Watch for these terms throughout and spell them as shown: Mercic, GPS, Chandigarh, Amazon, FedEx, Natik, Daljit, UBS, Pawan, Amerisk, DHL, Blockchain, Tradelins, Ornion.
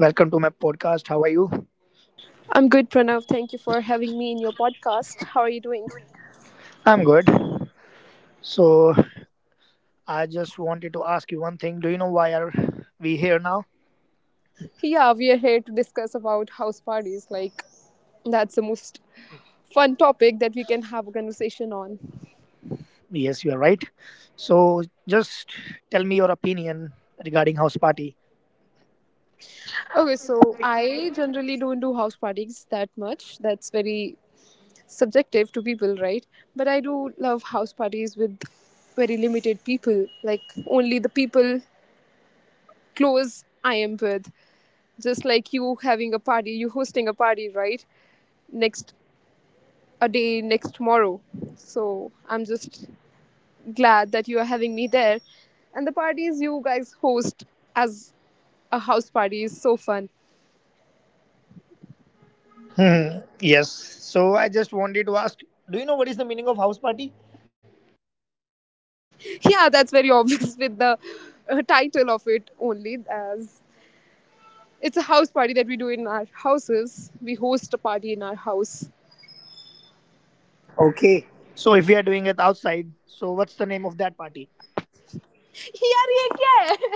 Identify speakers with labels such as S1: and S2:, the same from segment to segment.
S1: welcome to my podcast. How are you?
S2: I'm good, Pranav. Thank you for having me in your podcast. How are you doing?
S1: I'm good. So I just wanted to ask you one thing. Do you know why are we here now?
S2: Yeah, we are here to discuss about house parties. Like, that's the most fun topic that we can have a conversation on.
S1: Yes, you are right. So just tell me your opinion regarding house party.
S2: Okay, so I generally don't do house parties that much. That's very subjective to people, right? But I do love house parties with very limited people, like only the people close I am with. Just like you having a party, you hosting a party, right? Next a day next tomorrow. So I'm just glad that you are having me there. And the parties you guys host as a house party is so fun.
S1: Hmm. Yes. So I just wanted to ask. Do you know what is the meaning of house party?
S2: Yeah, that's very obvious with the title of it only, as it's a house party that we do in our houses. We host a party in our house.
S1: Okay. So if we are doing it outside, so what's the name of that party?
S2: Yeah, yeah, yeah.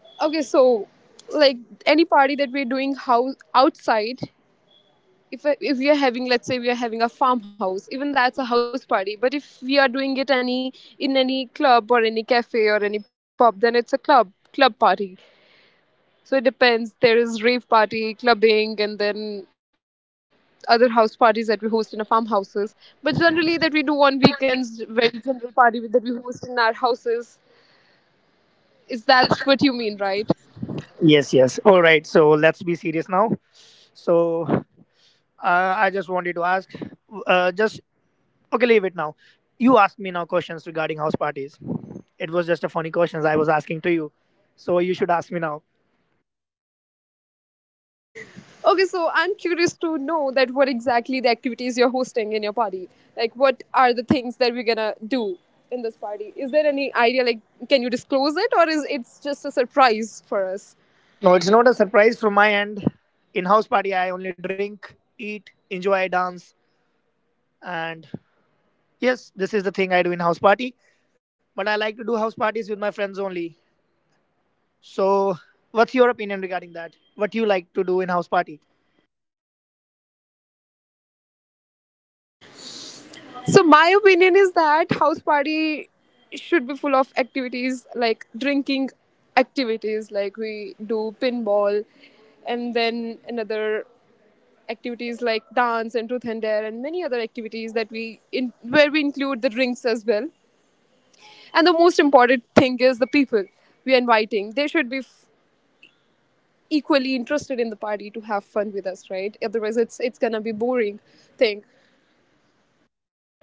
S2: Okay, so like any party that we're doing house outside, if if we are having, let's say we are having a farmhouse, even that's a house party. But if we are doing it any in any club or any cafe or any pub, then it's a club party. So it depends. There is rave party, clubbing, and then other house parties that we host in our farmhouses. But generally that we do on weekends, very general party that we host in our houses, is that's what you mean, right?
S1: Yes, yes. All right. So let's be serious now. So I just wanted to ask, just okay, leave it now. You asked me now questions regarding house parties. It was just a funny questions I was asking to you. So you should ask me now.
S2: Okay, so I'm curious to know that what exactly the activities you're hosting in your party. Like, what are the things that we're gonna do in this party? Is there any idea? Like, can you disclose it, or is it's just a surprise for us?
S1: No, it's not a surprise from my end. In house party, I only drink, eat, enjoy, dance, and yes, this is the thing I do in house party. But I like to do house parties with my friends only. So, what's your opinion regarding that? What you like to do in house party?
S2: So my opinion is that house party should be full of activities like drinking activities, like we do pinball and then another activities like dance and truth and dare and many other activities that we in where we include the drinks as well. And the most important thing is the people we are inviting. They should be equally interested in the party to have fun with us, right? Otherwise, it's gonna be boring thing.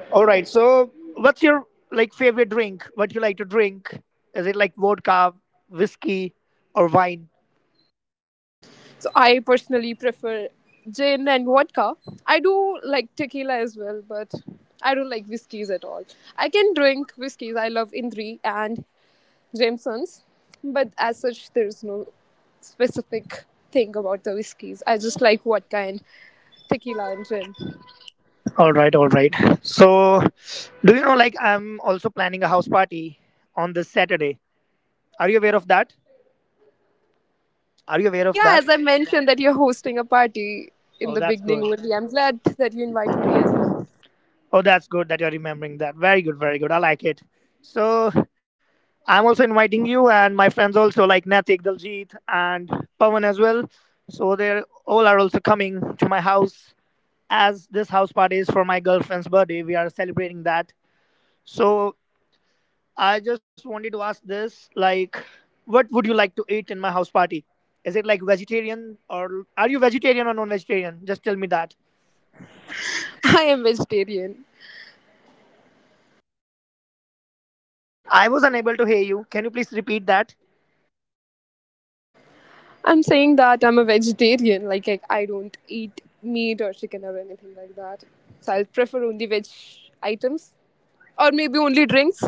S1: All right. So, what's your like favorite drink? What you like to drink? Is it like vodka, whiskey, or wine?
S2: So I personally prefer gin and vodka. I do like tequila as well, but I don't like whiskeys at all. I can drink whiskeys. I love Indri and Jameson's, but as such, there is no specific thing about the whiskeys. I just like vodka and tequila and gin.
S1: All right, all right. So, do you know, like, I'm also planning a house party on this Saturday. Are you aware of that? Are you aware of
S2: Yeah,
S1: that?
S2: as I mentioned that you're hosting a party
S1: Oh,
S2: in the
S1: that's
S2: beginning
S1: good.
S2: only. I'm glad that you're inviting me as well.
S1: Oh, that's good that you're remembering that. Very good, very good. I like it. So, I'm also inviting you and my friends also, like Natik, Daljit, and Pawan as well. So, they're all are also coming to my house as this house party is for my girlfriend's birthday. We are celebrating that. So, I just wanted to ask this like, what would you like to eat in my house party? Is it like vegetarian or are you vegetarian or non vegetarian? Just tell me that.
S2: I am vegetarian.
S1: I was unable to hear you. Can you please repeat that?
S2: I'm saying that I'm a vegetarian. Like I don't eat meat or chicken or anything like that. So I'll prefer only veg items or maybe only drinks.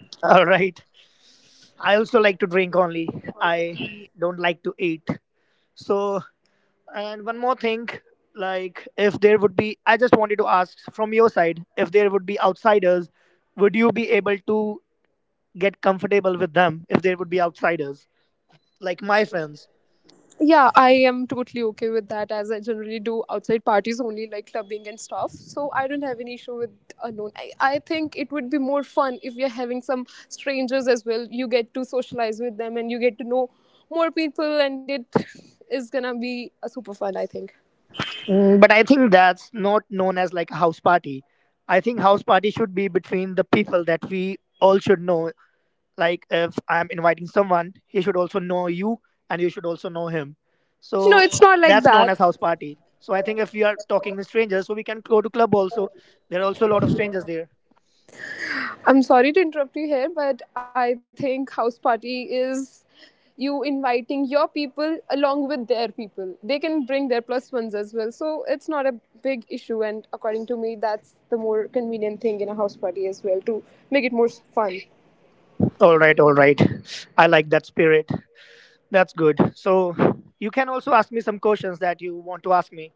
S1: All right. I also like to drink only. I don't like to eat. So, and one more thing like, if there would be, I just wanted to ask from your side, if there would be outsiders, would you be able to get comfortable with them if there would be outsiders? Like my friends.
S2: Yeah, I am totally okay with that as I generally do outside parties only like clubbing and stuff. So I don't have any issue with unknown. I think it would be more fun if you're having some strangers as well. You get to socialize with them and you get to know more people, and it is gonna be a super fun, I think.
S1: But I think that's not known as like a house party. I think house party should be between the people that we all should know. Like if I'm inviting someone, he should also know you and you should also know him.
S2: No,
S1: So
S2: it's not like
S1: that's known
S2: that.
S1: as house party. So I think if we are talking with strangers, so we can go to club also. There are also a lot of strangers there.
S2: I'm sorry to interrupt you here, but I think house party is you inviting your people along with their people. They can bring their plus ones as well. So it's not a big issue. And according to me, that's the more convenient thing in a house party as well, to make it more fun.
S1: All right, all right. I like that spirit. That's good. So you can also ask me some questions that you want to ask me.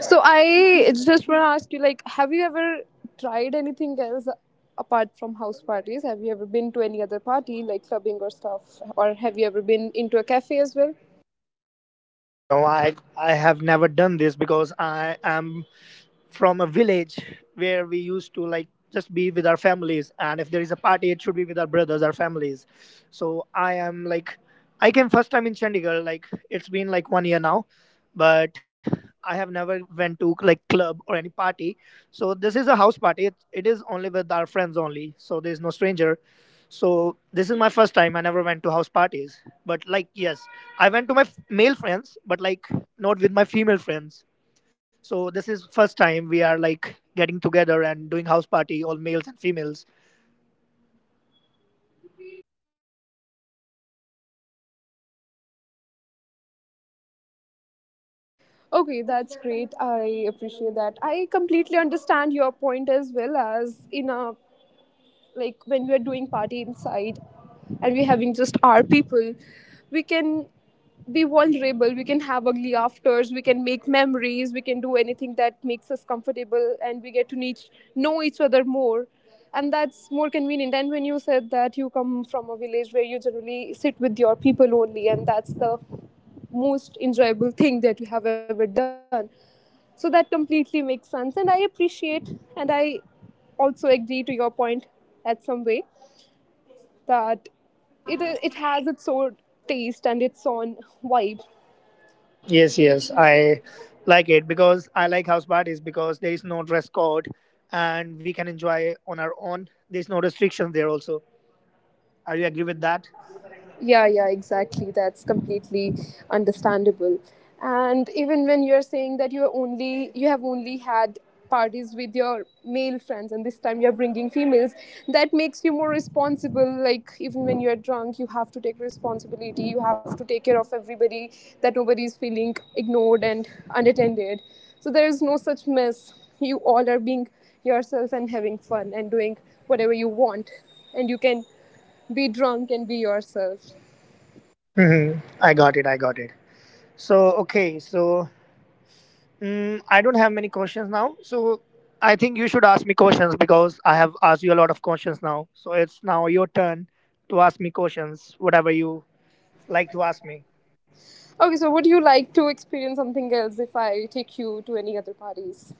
S2: So I just want to ask you, like, have you ever tried anything else apart from house parties? Have you ever been to any other party like clubbing or stuff? Or have you ever been into a cafe as well?
S1: No, I have never done this because I am from a village where we used to like just be with our families, and if there is a party it should be with our brothers, our families. So I am like, I came first time in Chandigarh. Like it's been like one year now, but I have never went to like club or any party. So this is a house party. It is only with our friends only, so there is no stranger. So this is my first time. I never went to house parties, but like yes, I went to my male friends, but like not with my female friends. So this is first time we are like getting together and doing house party, all males and females.
S2: Okay, that's great. I appreciate that. I completely understand your point as well, as in a, like, when we're doing party inside and we're having just our people, we can be vulnerable, we can have ugly afters, we can make memories, we can do anything that makes us comfortable, and we get to know each other more. And that's more convenient. And when you said that you come from a village where you generally sit with your people only, and that's the most enjoyable thing that you have ever done, so that completely makes sense. And I appreciate, and I also agree to your point at some way, that it has its own taste and its own vibe.
S1: Yes, yes, I like it because I like house parties because there is no dress code and we can enjoy on our own. There's no restrictions there also. Are you agree with that?
S2: Yeah, yeah, exactly. That's completely understandable. And even when you're saying that you have only had parties with your male friends, and this time you're bringing females, that makes you more responsible, like even when you're drunk you have to take responsibility, you have to take care of everybody, that nobody is feeling ignored and unattended. So there is no such mess, you all are being yourself and having fun and doing whatever you want, and you can be drunk and be yourself.
S1: Hmm. I got it. I got it. So okay, so I don't have many questions now, so I think you should ask me questions because I have asked you a lot of questions now. So it's now your turn to ask me questions, whatever you like to ask me.
S2: Okay, so would you like to experience something else if I take you to any other parties?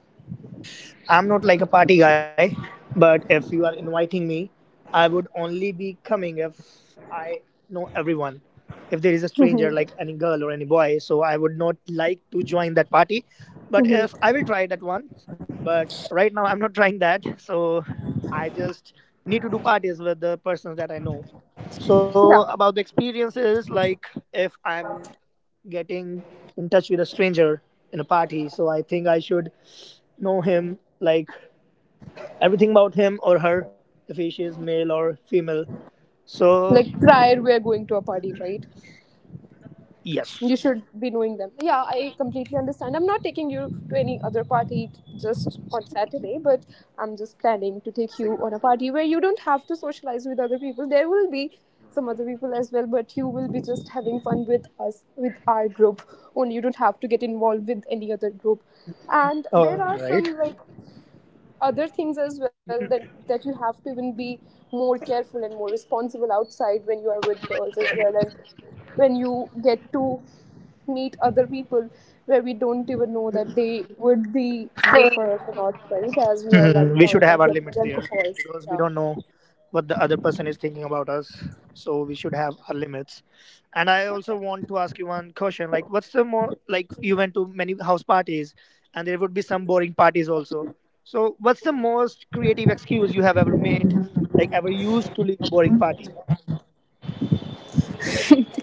S1: I'm not like a party guy, but if you are inviting me, I would only be coming if I know everyone. If there is a stranger, like any girl or any boy, so I would not like to join that party. But if I will try that once, but right now I'm not trying that, so I just need to do parties with the persons that I know. So
S2: Yeah.
S1: about the experiences, like if I'm getting in touch with a stranger in a party, so I think I should know him like everything about him or her, if he, she is male or female. So,
S2: Like prior we are going to a party, right?
S1: yes.
S2: You should be knowing them. Yeah, I completely understand. I'm not taking you to any other party just on Saturday, but I'm just planning to take you on a party where you don't have to socialize with other people. There will be some other people as well, but you will be just having fun with us, with our group. Only you don't have to get involved with any other group, and
S1: All
S2: there are some
S1: right.
S2: like other things as well, that you have to even be more careful and more responsible outside when you are with girls as well, and when you get to meet other people where we don't even know that they would be safe for us or not, right? As we are
S1: Mhm. We
S2: like
S1: should
S2: drunk
S1: have our
S2: and
S1: limits
S2: getting
S1: there
S2: alcohols.
S1: because we
S2: Yeah.
S1: don't know what the other person is thinking about us. So, we should have our limits. And I also want to ask you one question like, what's the more, like, you went to many house parties and there would be some boring parties also. So, what's the most creative excuse you have ever made, like, ever used to leave a boring party?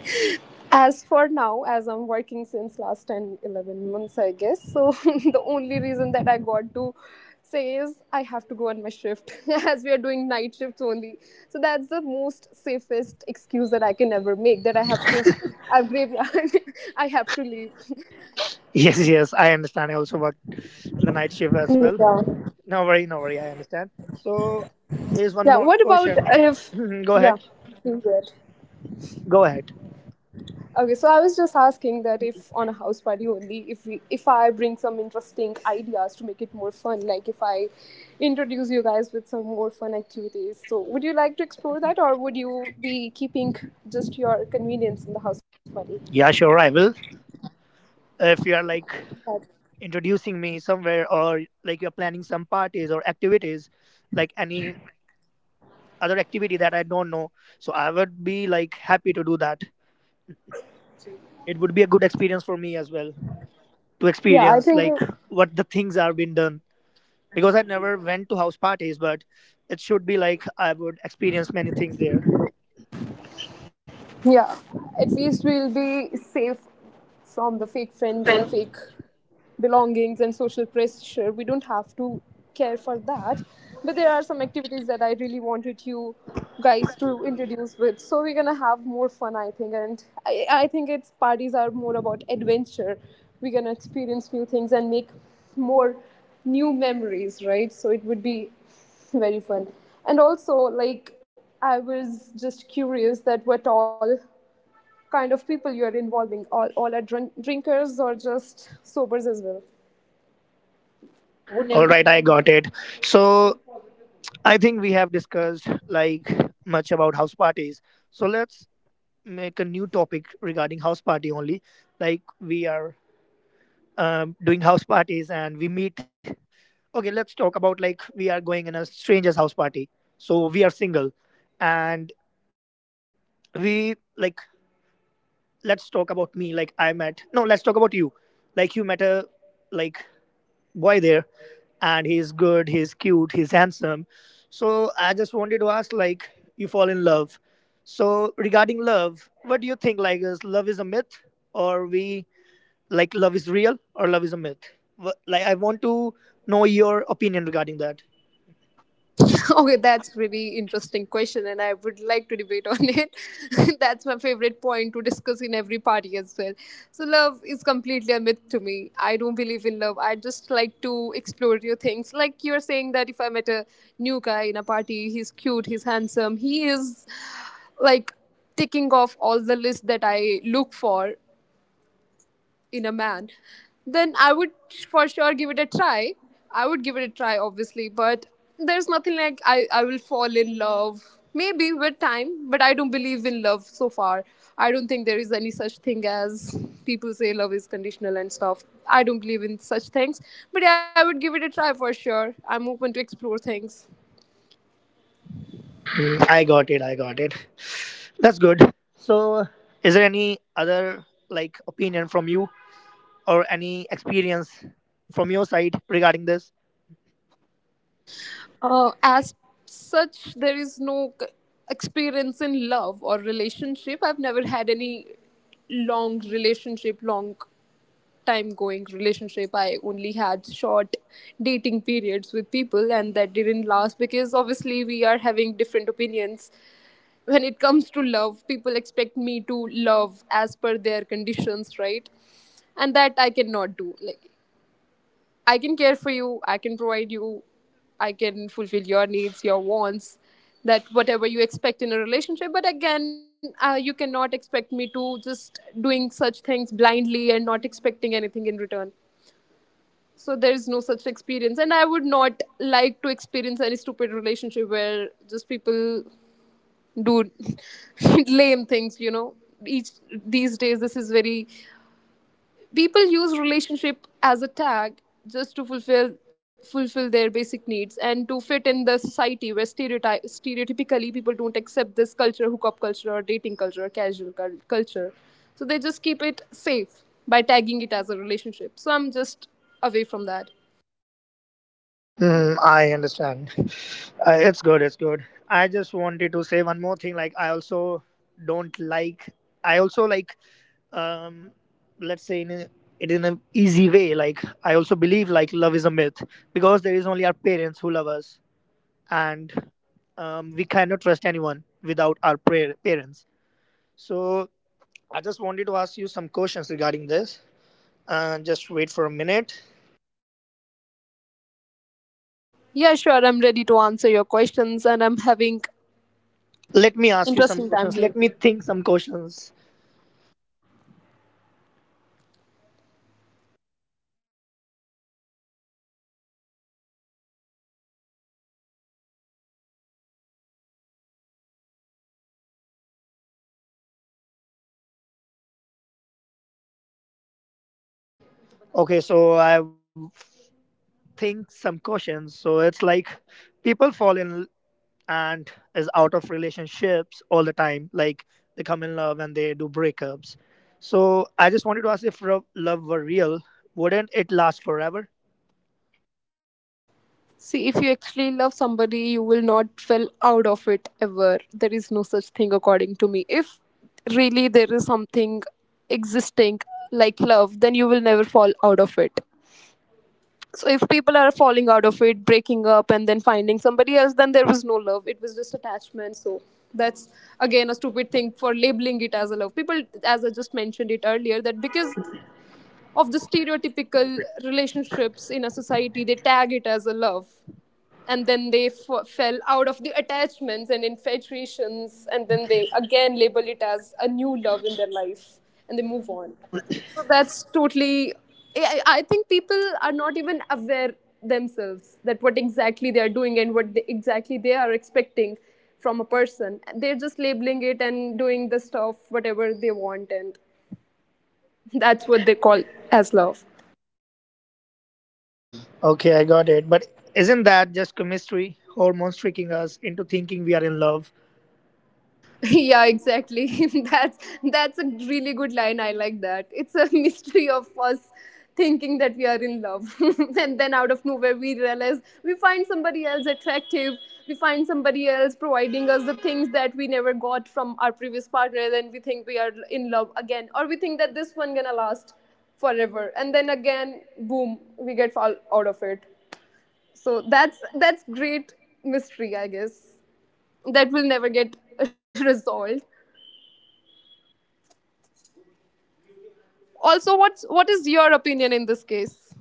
S2: As for now, as I'm working since last 10, 11 months, I guess. So, the only reason that I got to say is I have to go on my shift as we are doing night shifts only. So, that's the most safest excuse that I can ever make, that I have shift, I've graveyard, I have to leave.
S1: Yes, yes, I understand. I also worked in the night shift as
S2: Yeah.
S1: well. No worry, no worry. I understand. So there's
S2: Yeah.
S1: one
S2: What
S1: more
S2: about
S1: question.
S2: if,
S1: Mhm. Go
S2: yeah,
S1: ahead.
S2: please go ahead.
S1: Go ahead.
S2: Okay, so I was just asking that if on a house party only, if I bring some interesting ideas to make it more fun, like if I introduce you guys with some more fun activities, so would you like to explore that, or would you be keeping just your convenience in the house party?
S1: Yeah, sure. I will. If you are like
S2: That-
S1: introducing me somewhere or like you're planning some parties or activities, like any other activity that I don't know, so I would be like happy to do that. It would be a good experience for me as well to
S2: Yeah, I
S1: experience
S2: think,
S1: like what the things are being done, because I never went to house parties, but it should be like I would experience many things there.
S2: yeah, at least we'll be safe from the fake friends and fake belongings and social pressure, we don't have to care for that. But there are some activities that I really wanted you guys to introduce with, so we're gonna have more fun I think. And I think it's parties are more about adventure, we're gonna experience new things and make more new memories, right? So it would be very fun. And also like I was just curious that what all kind of people you are involving, all are drinkers or just sobers as well.
S1: All right, I got it. So I think we have discussed like much about house parties. So let's make a new topic regarding house party only. Like we are doing house parties and we meet. Okay, let's talk about like we are going in a stranger's house party. So we are single and we like, let's talk about me, like I met. No, let's talk about you. Like you met a like boy there, and he's good, he's cute, he's handsome. So I just wanted to ask, like, you fall in love. So regarding love, what do you think? Like, is love is a myth, or we like love is real, or love is a myth? Like, I want to know your opinion regarding that.
S2: Okay, that's really interesting question, and I would like to debate on it. That's my favorite point to discuss in every party as well. So, love is completely a myth to me. I don't believe in love. I just like to explore new things. Like you're saying that if I met a new guy in a party, he's cute, he's handsome, he is like ticking off all the list that I look for in a man, then I would for sure give it a try. I would give it a try, obviously, but there's nothing like I will fall in love. Maybe with time, but I don't believe in love so far. I don't think there is any such thing, as people say love is conditional and stuff. I don't believe in such things, but yeah, I would give it a try for sure. I'm open to explore things.
S1: Mm, I got it. I got it. That's good. So, is there any other like opinion from you or any experience from your side regarding this?
S2: As such, there is no experience in love or relationship. I've never had any long relationship, long time going relationship. I only had short dating periods with people, and that didn't last because obviously we are having different opinions. When it comes to love, people expect me to love as per their conditions, right? And that I cannot do. Like I can care for you, I can provide you, I can fulfill your needs, your wants, that whatever you expect in a relationship. But again, you cannot expect me to just doing such things blindly and not expecting anything in return. So there is no such experience, and I would not like to experience any stupid relationship where just people do lame things. You know, each these days this is very, people use relationship as a tag just to fulfill their basic needs and to fit in the society where stereotype stereotypically people don't accept this culture, hookup culture or dating culture or casual culture. So they just keep it safe by tagging it as a relationship, so I'm just away from that.
S1: Mm, I understand. It's good. It's good. I just wanted to say one more thing. Like I also don't like. I also like. Um, let's say in a, it in an easy way. Like I also believe like love is a myth because there is only our parents who love us, and we cannot trust anyone without our parents. So I just wanted to ask you some questions regarding this. Just wait for a minute.
S2: Yeah, sure, I'm ready to answer your questions, and I'm having
S1: Let me ask you some
S2: interesting time
S1: questions.
S2: here.
S1: Let me think some questions. Okay, so I think some questions. So it's like people fall in and is out of relationships all the time. Like they come in love and they do breakups. So I just wanted to ask if love were real, wouldn't it last forever?
S2: See, if you actually love somebody, you will not feel out of it ever. There is no such thing, according to me. If really there is something existing like love, then you will never fall out of it. So, if people are falling out of it, breaking up, and then finding somebody else, then there was no love. It was just attachment. So, that's again a stupid thing, for labeling it as a love. People, as I just mentioned it earlier, that because of the stereotypical relationships in a society, they tag it as a love, and then they fell out of the attachments and infatuations, and then they again label it as a new love in their life and they move on. So that's totally, I think people are not even aware themselves that what exactly they are doing, and what exactly they are expecting from a person, they're just labeling it and doing the stuff whatever they want, and that's what they call as love.
S1: Okay, I got it. But isn't that just chemistry, hormones tricking us into thinking we are in love?
S2: Yeah, exactly. that's that's a really good line, I like that. It's a mystery of us thinking that we are in love. And then out of nowhere we realize we find somebody else attractive, we find somebody else providing us the things that we never got from our previous partner, then we think we are in love again, or we think that this one gonna last forever, and then again boom we get fall out of it. So that's great mystery I guess, that will never get resolved. Also what is your opinion in this case?